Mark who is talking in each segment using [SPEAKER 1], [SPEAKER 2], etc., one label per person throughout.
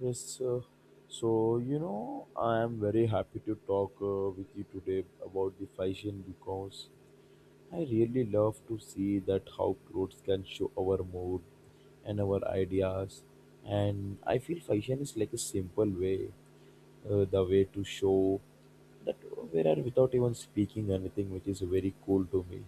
[SPEAKER 1] Yes, uh, so you know, I am very happy to talk with you today about the fashion because I really love to see that how clothes can show our mood and our ideas. And I feel fashion is like a simple way, the way to show that we are without even speaking anything, which is very cool to me.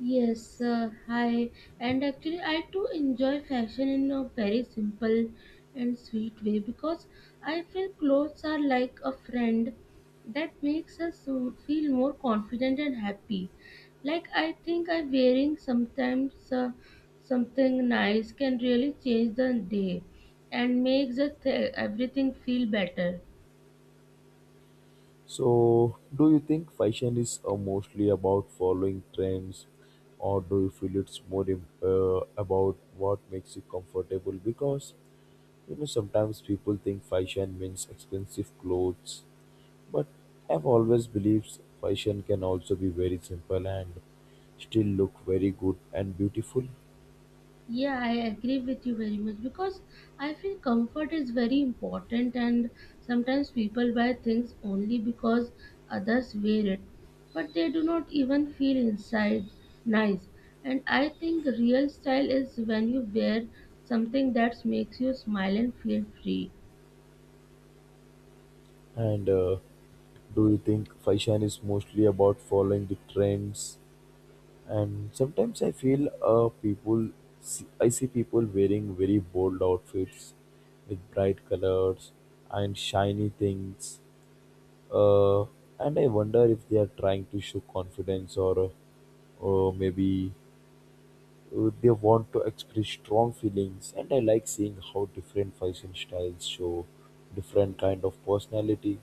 [SPEAKER 2] Yes, hi. And actually, I too enjoy fashion in a very simple and sweet way because I feel clothes are like a friend that makes us feel more confident and happy. Like I think I wearing sometimes something nice can really change the day and makes everything feel better.
[SPEAKER 1] So, do you think fashion is mostly about following trends, or do you feel it's more about what makes you comfortable? Because you know sometimes people think fashion means expensive clothes, but I've always believed fashion can also be very simple and still look very good and beautiful.
[SPEAKER 2] Yeah, I agree with you very much because I feel comfort is very important, and sometimes people buy things only because others wear it, but they do not even feel inside nice. And I think real style is when you wear something that makes you smile and feel free.
[SPEAKER 1] And do you think fashion is mostly about following the trends? And sometimes I feel people, see, I see people wearing very bold outfits with bright colors and shiny things. Uh, and I wonder if they are trying to show confidence or, maybe they want to express strong feelings. And I like seeing how different fashion styles show different kind of personality.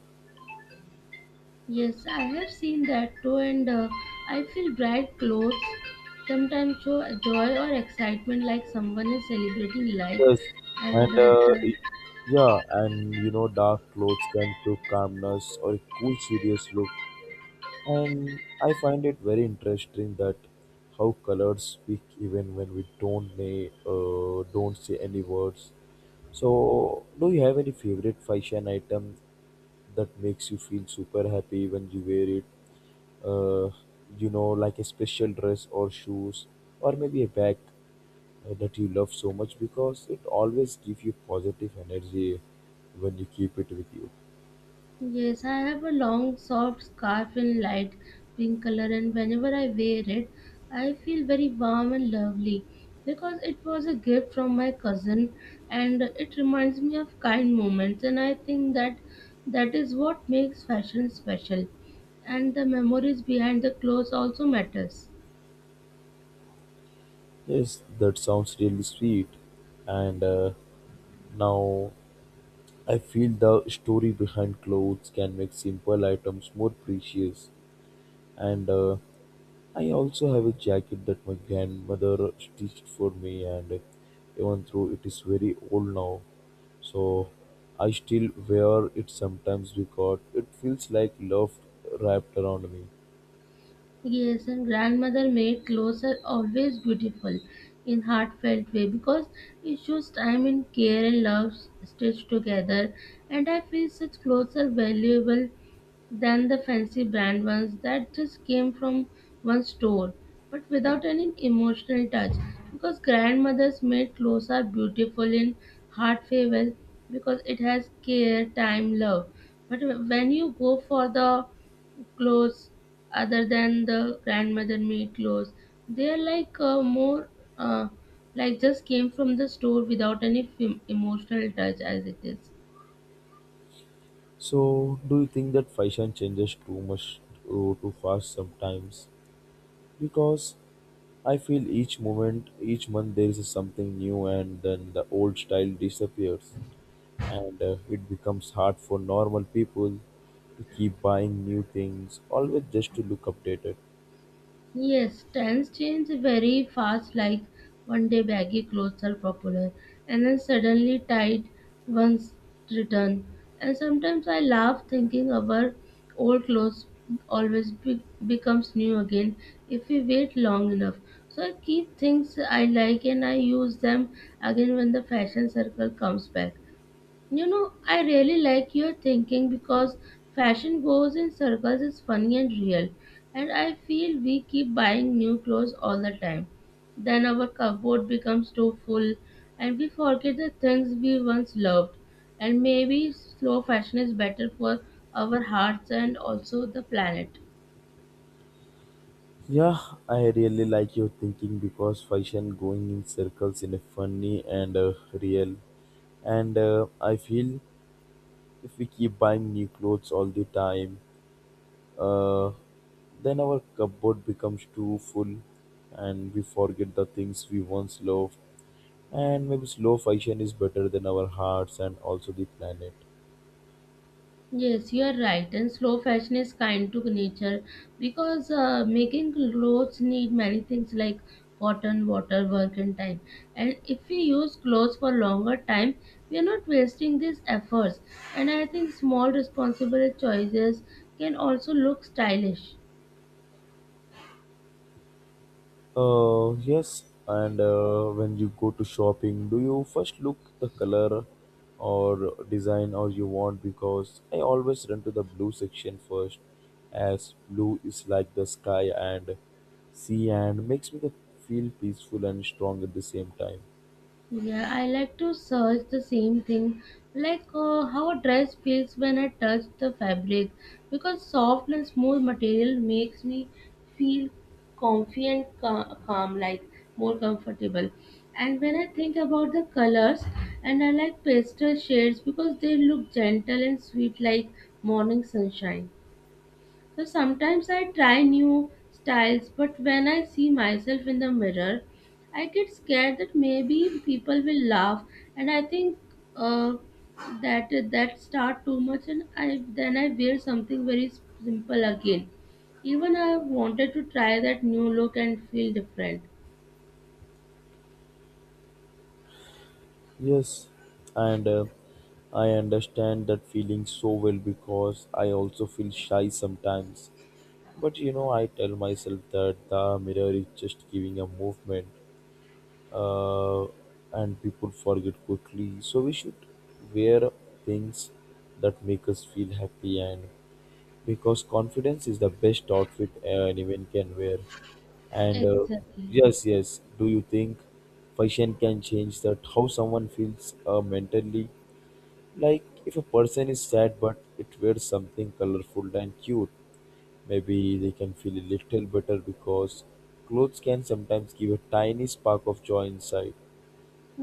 [SPEAKER 2] Yes, I have seen that too, and I feel bright clothes sometimes show joy or excitement like someone is celebrating life,
[SPEAKER 1] Yes,
[SPEAKER 2] and
[SPEAKER 1] and
[SPEAKER 2] the
[SPEAKER 1] yeah, and you know, dark clothes can show calmness or a cool, serious look. And I find it very interesting that how colors speak even when we don't may don't say any words. So, do you have any favorite fashion item that makes you feel super happy when you wear it? Uh, you know, like a special dress or shoes, or maybe a bag that you love so much because it always gives you positive energy when you keep it with you.
[SPEAKER 2] Yes, I have a long, soft scarf in light pink color, and whenever I wear it, I feel very warm and lovely because it was a gift from my cousin and it reminds me of kind moments. And I think that that is what makes fashion special, and the memories behind the clothes also matters.
[SPEAKER 1] Yes, that sounds really sweet. And now I feel the story behind clothes can make simple items more precious. And I also have a jacket that my grandmother stitched for me, and even though it is very old now, so I still wear it sometimes because it feels like love wrapped around me.
[SPEAKER 2] Yes, and grandmother made clothes are always beautiful in heartfelt way because it shows time and care and love stitched together. And I feel such clothes are valuable than the fancy brand ones that just came from one store but without any emotional touch because grandmothers made clothes are beautiful in heart farewell because it has care time love but when you go for the clothes other than the grandmother made clothes they're like more uh, like just came from the store without any emotional touch as it is.
[SPEAKER 1] So, do you think that fashion changes too much too fast sometimes? Because I feel each moment, each month there is something new, and then the old style disappears, and it becomes hard for normal people to keep buying new things, always just to look updated.
[SPEAKER 2] Yes, trends change very fast. Like one day baggy clothes are popular, and then suddenly tight ones return. And sometimes I laugh thinking our old clothes always becomes new again if we wait long enough. So I keep things I like and I use them again when the fashion circle comes back. You know, I really like your thinking because fashion goes in circles, is funny and real. And I feel we keep buying new clothes all the time. Then our cupboard becomes too full and we forget the things we once loved. And maybe slow fashion is better for our hearts and also the planet.
[SPEAKER 1] Yeah, I really like your thinking because fashion going in circles in a funny and real and I feel if we keep buying new clothes all the time. Uh, then our cupboard becomes too full and we forget the things we once loved. And maybe slow fashion is better than our hearts and also the planet.
[SPEAKER 2] Yes, you are right. And slow fashion is kind to nature because making clothes need many things like cotton, water, work, and time. And if we use clothes for longer time, we are not wasting these efforts. And I think small, responsible choices can also look stylish.
[SPEAKER 1] Yes, and when you go to shopping, do you first look the color or design or you want? Because I always run to the blue section first, as blue is like the sky and sea and makes me the feel peaceful and strong at the same time.
[SPEAKER 2] Yeah, I like to search the same thing, like how a dress feels when I touch the fabric, because soft and smooth material makes me feel comfy and calm, like more comfortable. And when I think about the colors, and I like pastel shades because they look gentle and sweet, like morning sunshine. So sometimes I try new styles, but when I see myself in the mirror, I get scared that maybe people will laugh, and I think uh, that that start too much, and I then I wear something very simple again. Even I wanted to try that new look and feel different.
[SPEAKER 1] Yes, and I understand that feeling so well because I also feel shy sometimes. But you know, I tell myself that the mirror is just giving a movement, uh, and people forget quickly. So we should wear things that make us feel happy, and because confidence is the best outfit anyone can wear. And uh,
[SPEAKER 2] Exactly.
[SPEAKER 1] yes, do you think fashion can change that how someone feels mentally? Like if a person is sad but it wears something colorful and cute, maybe they can feel a little better because clothes can sometimes give a tiny spark of joy inside.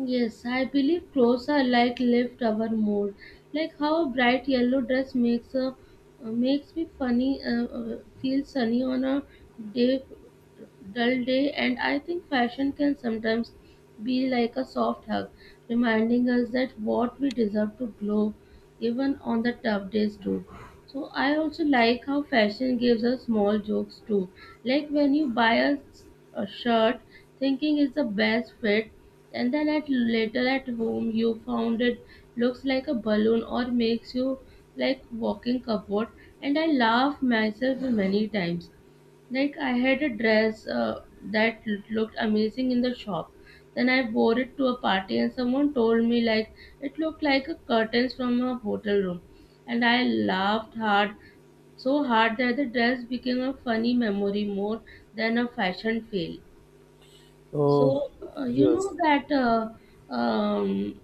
[SPEAKER 2] Yes, I believe clothes are like lift our mood. Like how a bright yellow dress makes a makes me funny feel sunny on a day dull day. And I think fashion can sometimes be like a soft hug reminding us that what we deserve to glow even on the tough days too. So I also like how fashion gives us small jokes too. Like when you buy a shirt thinking it's the best fit and then at later at home you found it looks like a balloon or makes you like walking cupboard, and I laugh myself many times. Like I had a dress that looked amazing in the shop. Then I wore it to a party and someone told me like it looked like a curtains from a hotel room. And I laughed hard, so hard that the dress became a funny memory more than a fashion fail.
[SPEAKER 1] Oh,
[SPEAKER 2] So, you
[SPEAKER 1] yes,
[SPEAKER 2] know that um,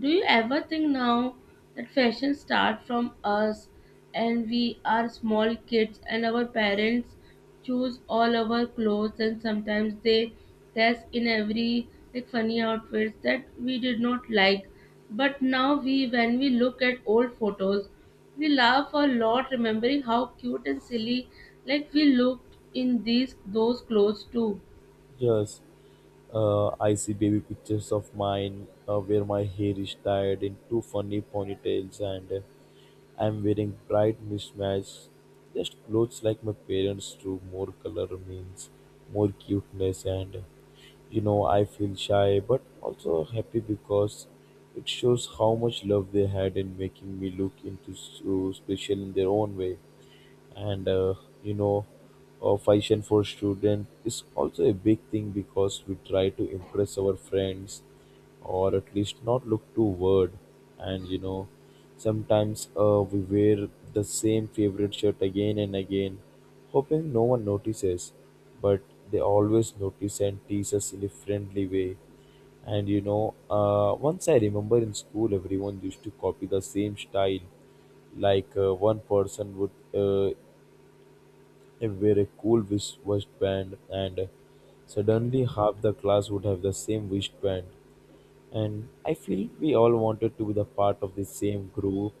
[SPEAKER 2] do you ever think now that fashion starts from us and we are small kids and our parents choose all our clothes and sometimes they dress in every like funny outfits that we did not like. But now we when we look at old photos, we laugh a lot remembering how cute and silly like we looked in these those clothes too.
[SPEAKER 1] yes. I see baby pictures of mine where my hair is tied in two funny ponytails and I'm wearing bright mismatch. Just clothes like my parents drew more color means more cuteness, and you know, I feel shy but also happy because it shows how much love they had in making me look into so special in their own way. And you know, fashion for student is also a big thing because we try to impress our friends or at least not look too weird. And you know, sometimes we wear the same favorite shirt again and again, hoping no one notices, but they always notice and tease us in a friendly way. And you know, once I remember in school everyone used to copy the same style, like one person would I wear a cool wristband, and suddenly half the class would have the same wristband. And I feel we all wanted to be the part of the same group,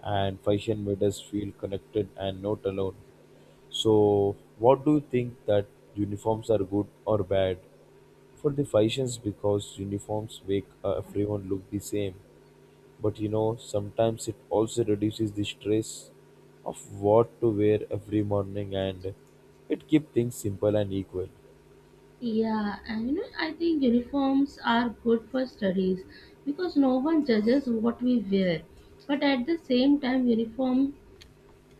[SPEAKER 1] and fashion made us feel connected and not alone. So, what do you think that uniforms are good or bad for the fashions? Because uniforms make everyone look the same. But you know, sometimes it also reduces the stress of what to wear every morning, and it keeps things simple and equal.
[SPEAKER 2] Yeah, and you know, I think uniforms are good for studies because no one judges what we wear. But at the same time, uniform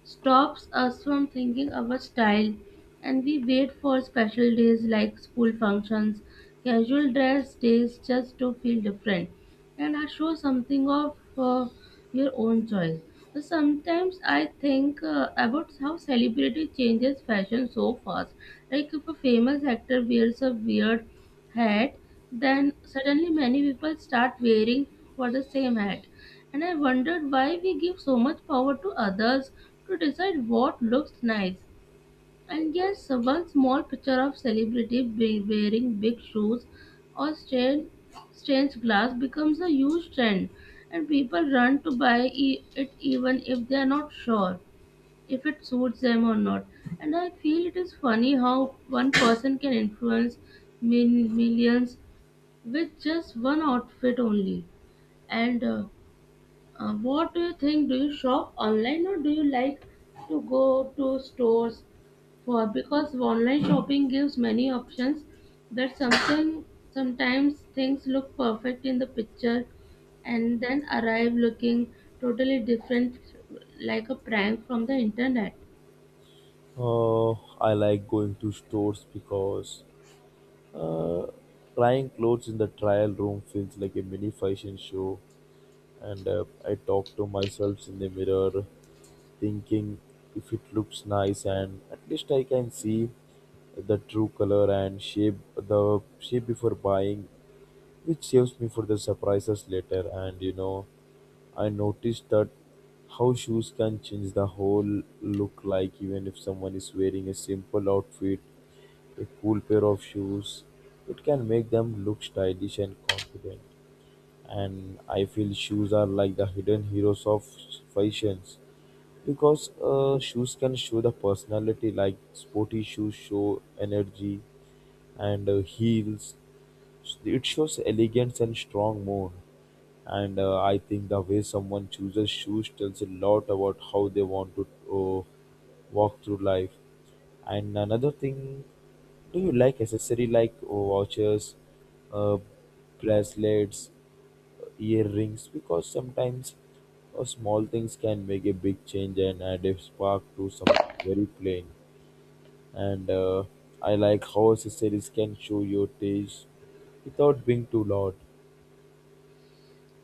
[SPEAKER 2] stops us from thinking our style and we wait for special days like school functions, casual dress days just to feel different and I show something of your own choice. So sometimes I think about how celebrity changes fashion so fast. Like if a famous actor wears a weird hat, then suddenly many people start wearing for the same hat. And I wondered why we give so much power to others to decide what looks nice. And yes, one small picture of celebrity wearing big shoes or strange glass becomes a huge trend, and people run to buy it even if they are not sure if it suits them or not. And I feel it is funny how one person can influence mil- millions with just one outfit only. And what do you think? Do you shop online or do you like to go to stores for? Because online shopping gives many options that something sometimes things look perfect in the picture and then arrive looking totally different, like a prank from the internet.
[SPEAKER 1] Oh, I like going to stores because uh, trying clothes in the trial room feels like a mini fashion show, and I talk to myself in the mirror, thinking if it looks nice, and at least I can see the true color and shape before buying, which saves me for the surprises later. And you know, I noticed that how shoes can change the whole look, like even if someone is wearing a simple outfit, a cool pair of shoes, it can make them look stylish and confident. And I feel shoes are like the hidden heroes of fashions because shoes can show the personality, like sporty shoes show energy and heels it shows elegance and strong mood. And I think the way someone chooses shoes tells a lot about how they want to uh, walk through life. And another thing, do you like accessory like watches, uh, bracelets, earrings? Because sometimes small things can make a big change and add a spark to something very plain. And I like how accessories can show your taste without being too loud.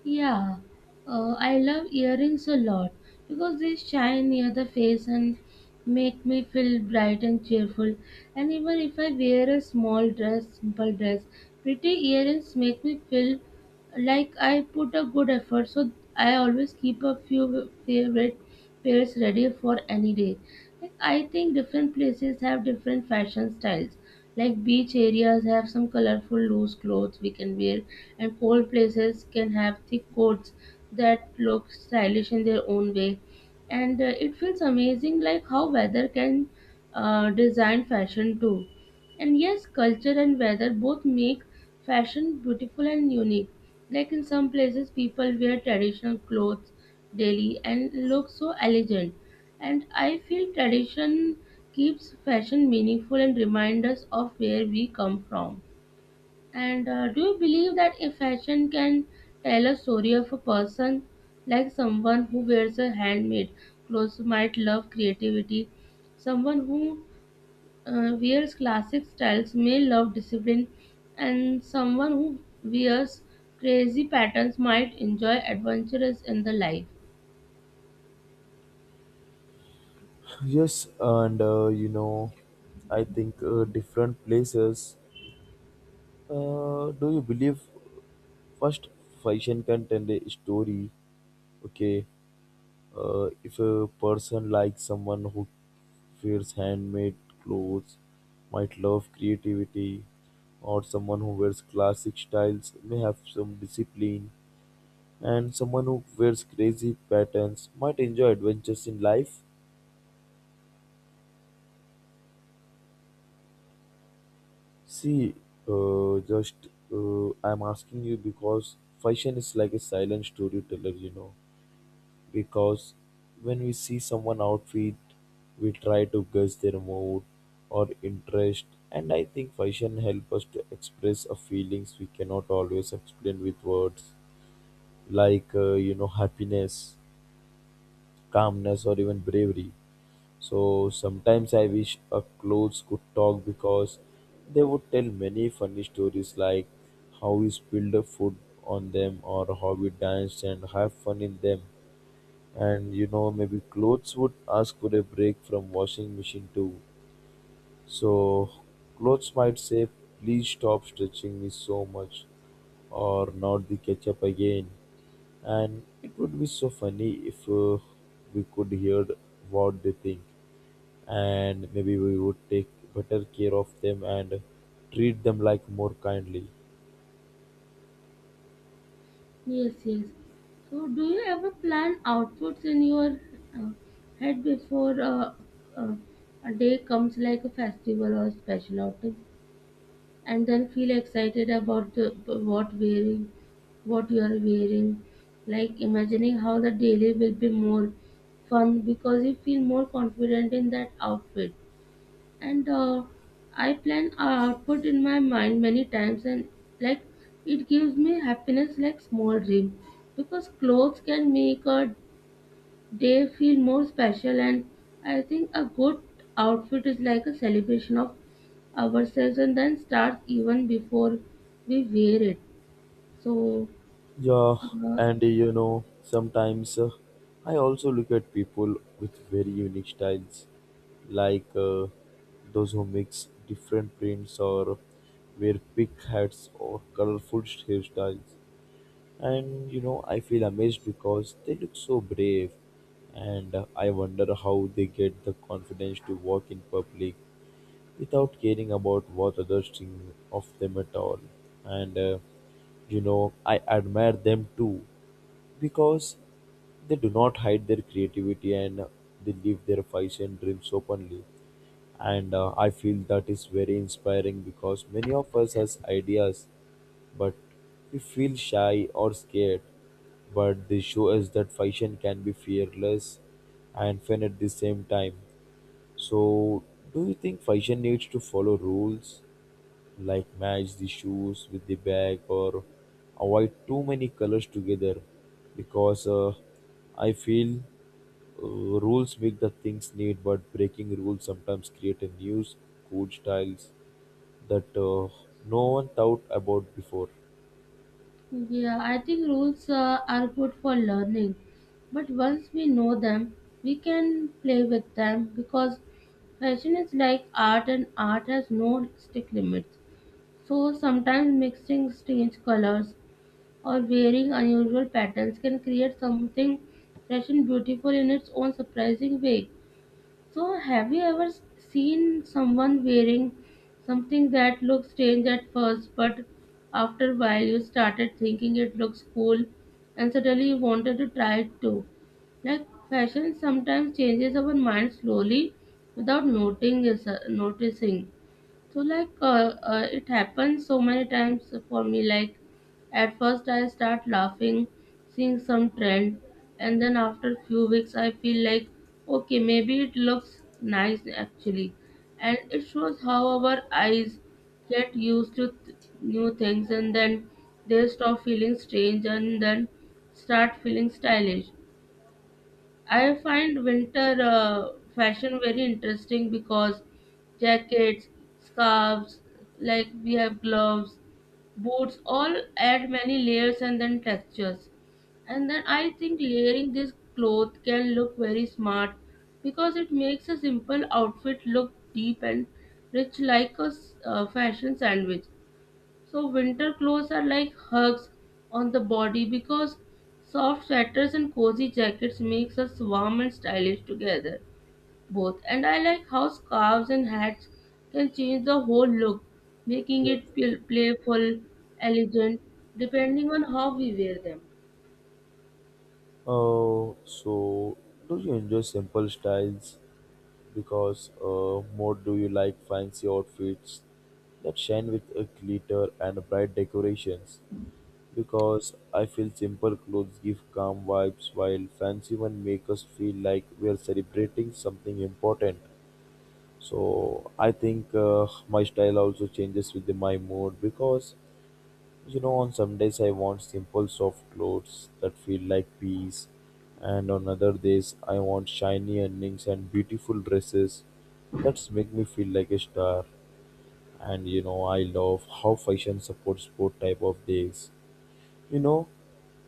[SPEAKER 2] Yeah, I love earrings a lot because they shine near the face and make me feel bright and cheerful. And even if I wear a small dress, simple dress, pretty earrings make me feel like I put a good effort. So I always keep a few favorite pairs ready for any day. Like, I think different places have different fashion styles. Like beach areas have some colorful loose clothes we can wear, and cold places can have thick coats that look stylish in their own way. And it feels amazing, like how weather can design fashion too. And yes, culture and weather both make fashion beautiful and unique. Like in some places, people wear traditional clothes daily and look so elegant, and I feel tradition keeps fashion meaningful and reminds us of where we come from. And do you believe that a fashion can tell a story of a person, like someone who wears a handmade clothes might love creativity, someone who wears classic styles may love discipline, and someone who wears crazy patterns might enjoy adventures in the life.
[SPEAKER 1] Yes, and you know, I think different places. Do you believe first fashion can tell a story? Okay, if a person likes someone who wears handmade clothes, might love creativity, or someone who wears classic styles may have some discipline. And someone who wears crazy patterns might enjoy adventures in life. See, just I'm asking you because fashion is like a silent storyteller, you know. Because when we see someone outfit, we try to guess their mood or interest. And I think fashion helps us to express our feelings we cannot always explain with words, like you know, happiness, calmness, or even bravery. So sometimes I wish a clothes could talk because they would tell many funny stories, like how we spilled the food on them or how we danced and have fun in them. And you know, maybe clothes would ask for a break from washing machine too. So clothes might say, please stop stretching me so much, or not the ketchup again. And it would be so funny if we could hear what they think, and maybe we would take better care of them and treat them like more kindly.
[SPEAKER 2] Yes, yes. So, do you ever plan outfits in your uh, head before uh, a day comes, like a festival or a special outing, and then feel excited about what you are wearing, like imagining how the daily will be more fun because you feel more confident in that outfit. And I plan a output in my mind many times and like it gives me happiness like small dream because clothes can make a day feel more special, and I think a good outfit is like a celebration of ourselves and then starts even before we wear it, so
[SPEAKER 1] Yeah,
[SPEAKER 2] uh,
[SPEAKER 1] and you know, sometimes I also look at people with very unique styles, like those who mix different prints or wear big hats or colorful hairstyles. And you know, I feel amazed because they look so brave, and I wonder how they get the confidence to walk in public without caring about what others think of them at all. And you know, I admire them too because they do not hide their creativity and they live their fights and dreams openly. And I feel that is very inspiring because many of us has ideas, but we feel shy or scared. But they show us that fashion can be fearless and fun at the same time. So, do you think fashion needs to follow rules like match the shoes with the bag or avoid too many colors together? Because I feel uh, rules make the things neat, but breaking rules sometimes create a new cool styles that no one thought about before.
[SPEAKER 2] Yeah, I think rules are good for learning, but once we know them, we can play with them because fashion is like art and art has no strict limits. So sometimes mixing strange colors or wearing unusual patterns can create something fresh and beautiful in its own surprising way. So, have you ever seen someone wearing something that looked strange at first, but after a while you started thinking it looks cool and suddenly you wanted to try it too? Like, fashion sometimes changes our mind slowly without noticing. So like it happens so many times for me. Like at first I start laughing, seeing some trend, and then after few weeks I feel like okay maybe it looks nice actually, and it shows how our eyes get used to new things and then they stop feeling strange and then start feeling stylish. I find winter fashion very interesting because jackets, scarves, like we have gloves, boots, all add many layers and then textures. And then I think layering this cloth can look very smart because it makes a simple outfit look deep and rich like a fashion sandwich. So winter clothes are like hugs on the body because soft sweaters and cozy jackets makes us warm and stylish together both. And I like how scarves and hats can change the whole look, making
[SPEAKER 1] Yeah.
[SPEAKER 2] it playful, elegant, depending on how we wear them.
[SPEAKER 1] So, do you enjoy simple styles because more do you like fancy outfits that shine with a glitter and bright decorations? Because I feel simple clothes give calm vibes while fancy ones make us feel like we are celebrating something important. So I think my style also changes with my mood because you know, on some days I want simple soft clothes that feel like peace, and on other days I want shiny earrings and beautiful dresses that make me feel like a star. And you know, I love how fashion supports both type of days. You know,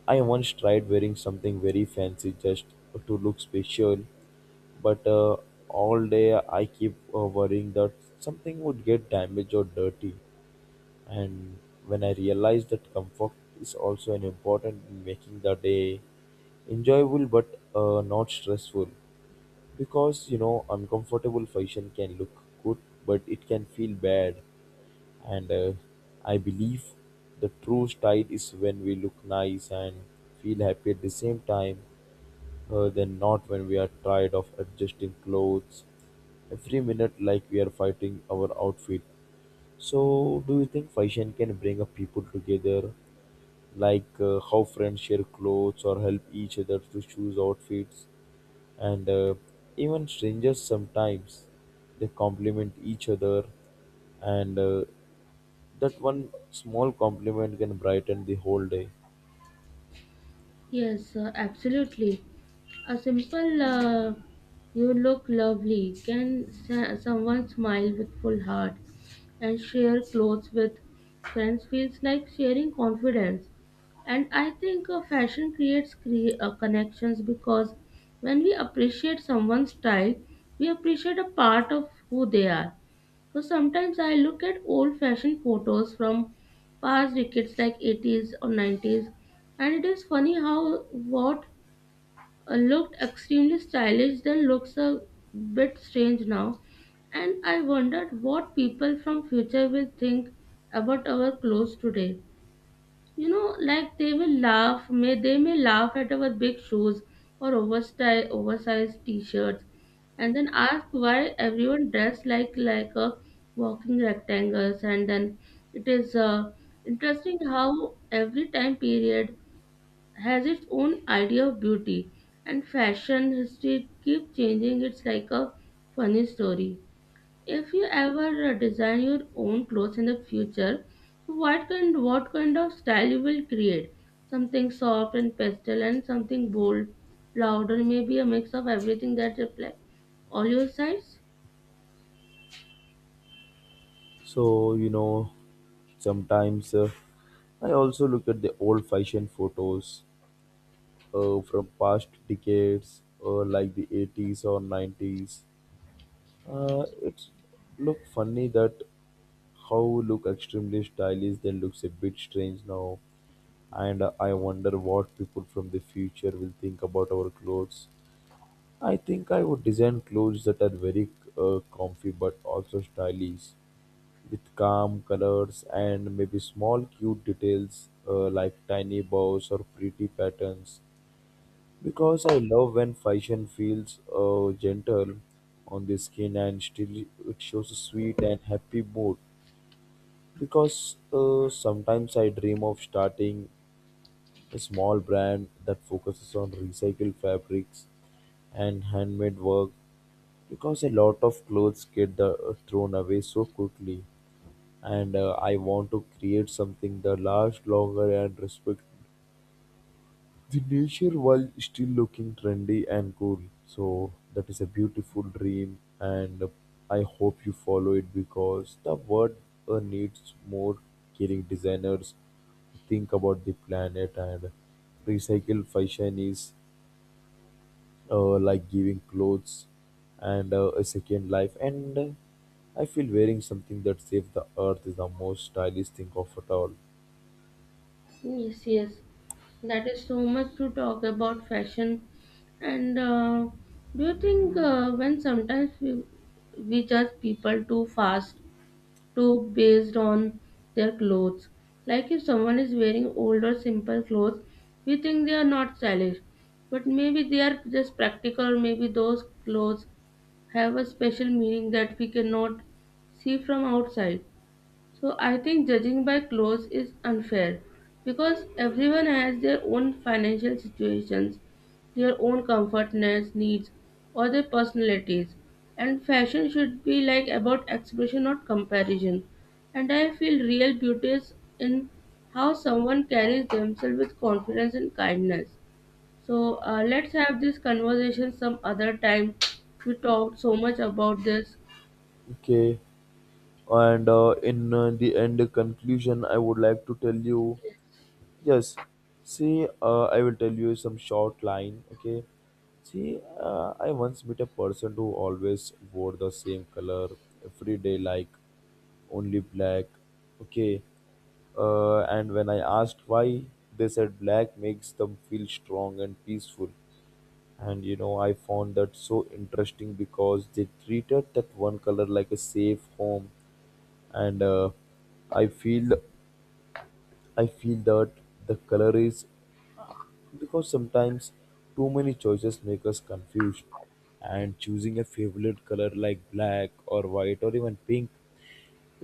[SPEAKER 1] I once tried wearing something very fancy just to look special, but all day I keep worrying that something would get damaged or dirty. And when I realized that comfort is also an important in making the day enjoyable but not stressful, because you know uncomfortable fashion can look good but it can feel bad, and I believe the true style is when we look nice and feel happy at the same time, than not when we are tired of adjusting clothes every minute like we are fighting our outfit. So, do you think fashion can bring a people together like how friends share clothes or help each other to choose outfits and even strangers sometimes they compliment each other and that one small compliment can brighten the whole day.
[SPEAKER 2] Yes, absolutely. A simple you look lovely can someone smile with full heart, and share clothes with friends feels like sharing confidence. And I think fashion creates connections because when we appreciate someone's style, we appreciate a part of who they are. So sometimes I look at old fashioned photos from past decades like 80s or 90s, and it is funny how what looked extremely stylish then looks a bit strange now. And I wondered what people from future will think about our clothes today. You know, like they will laugh, may they may laugh at our big shoes or oversized t-shirts, and then ask why everyone dressed like a walking rectangles. And then it is interesting how every time period has its own idea of beauty and fashion history keep changing, it's like a funny story. If you ever design your own clothes in the future, so what kind of style you will create? Something soft and pastel and something bold louder, maybe a mix of everything that reflects all your sides.
[SPEAKER 1] So you know, sometimes I also look at the old fashioned photos from past decades, like the 80s or 90s. It's look funny that how look extremely stylish that looks a bit strange now, and I wonder what people from the future will think about our clothes. I think I would design clothes that are very comfy but also stylish, with calm colors and maybe small cute details, like tiny bows or pretty patterns, because I love when fashion feels gentle on the skin and still it shows a sweet and happy mood. Because sometimes I dream of starting a small brand that focuses on recycled fabrics and handmade work, because a lot of clothes get thrown away so quickly, and I want to create something that lasts longer and respect the nature while still looking trendy and cool. So that is a beautiful dream and I hope you follow it because the world needs more caring designers who think about the planet, and recycle fashion is like giving clothes and a second life, and I feel wearing something that saves the earth is the most stylish thing of it all.
[SPEAKER 2] Yes, yes. That is so much to talk about fashion. And do you think when sometimes we judge people too fast, too based on their clothes? Like if someone is wearing old or simple clothes, we think they are not stylish. But maybe they are just practical, or maybe those clothes have a special meaning that we cannot see from outside. So I think judging by clothes is unfair because everyone has their own financial situations, their own comfortness needs or their personalities. And fashion should be like about expression not comparison. And I feel real beauty is in how someone carries themselves with confidence and kindness. So let's have this conversation some other time. We talked so much about this.
[SPEAKER 1] Okay. And in the end conclusion, I would like to tell you, yes, see, I will tell you some short line, okay? See, I once met a person who always wore the same color every day, like only black, okay? And when I asked why, they said black makes them feel strong and peaceful. And you know, I found that so interesting because they treated that one color like a safe home, and I feel, I feel that the color is, uh, because sometimes too many choices make us confused, and choosing a favorite color like black or white or even pink,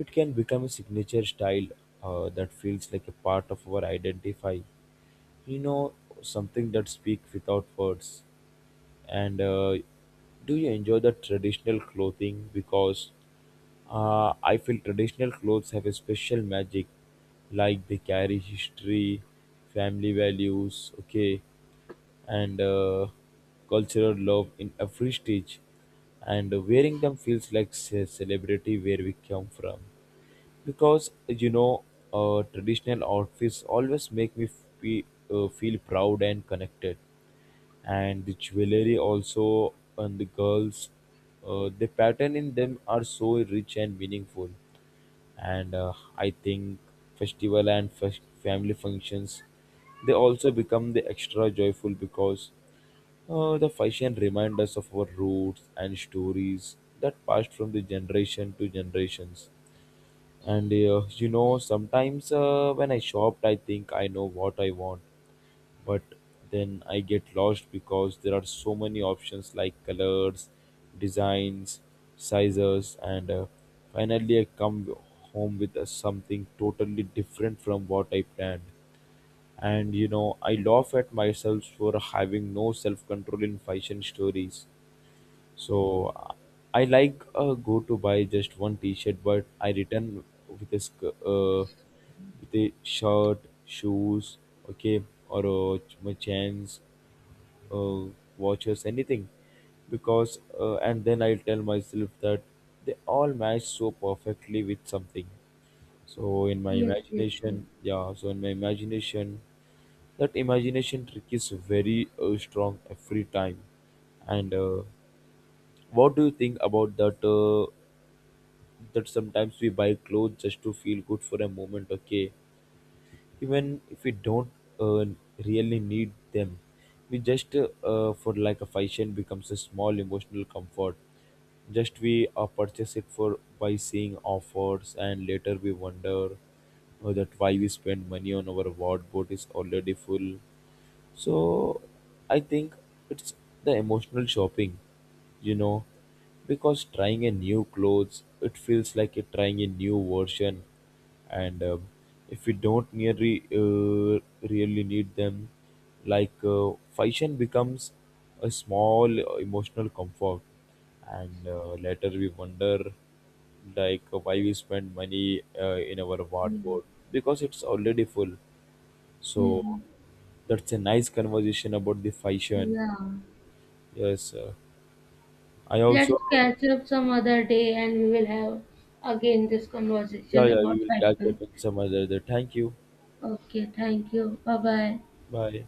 [SPEAKER 1] it can become a signature style, that feels like a part of our identify, you know, something that speaks without words. And do you enjoy the traditional clothing? Because I feel traditional clothes have a special magic, like they carry history, family values, okay, and cultural love in every stitch, and wearing them feels like celebrity where we come from, because you know, traditional outfits always make me fe- feel proud and connected. And the jewelry also on the girls, the pattern in them are so rich and meaningful. And I think festival and family functions, they also become the extra joyful because the fashion reminds us of our roots and stories that passed from the generation to generations. And you know, sometimes when I shopped, I think I know what I want, but then I get lost because there are so many options, like colors, designs, sizes, and finally I come home with something totally different from what I planned. And you know, I laugh at myself for having no self control in fashion stories. So I like, go to buy just one T-shirt, but I return with a with a shirt, shoes, okay, or my chains, uh, watches, anything, because and then I tell myself that they all match so perfectly with something. So in my
[SPEAKER 2] Yes, yes, yes.
[SPEAKER 1] imagination, yeah. So in my imagination, that imagination trick is very strong every time, and what do you think about that? That sometimes we buy clothes just to feel good for a moment, okay? Even if we don't, uh, really need them, we just for, like, a fashion becomes a small emotional comfort. Just we purchase it for by seeing offers, and later we wonder that why we spend money on our wardrobe is already full. So I think it's the emotional shopping, you know, because trying a new clothes, it feels like you're trying a new version, and if you don't nearly, really need them, like, fashion becomes a small emotional comfort, and later we wonder like why we spend money in our
[SPEAKER 2] Yeah.
[SPEAKER 1] wardrobe because it's already full. So
[SPEAKER 2] Hmm.
[SPEAKER 1] that's a nice conversation about the fashion.
[SPEAKER 2] Yeah.
[SPEAKER 1] Yes, I also,
[SPEAKER 2] Let's catch up some other day and we will have again this
[SPEAKER 1] yeah,
[SPEAKER 2] conversation
[SPEAKER 1] yeah, we
[SPEAKER 2] about
[SPEAKER 1] will catch
[SPEAKER 2] fashion.
[SPEAKER 1] up in some other day. Thank you.
[SPEAKER 2] Okay, thank you. Bye bye.
[SPEAKER 1] Bye.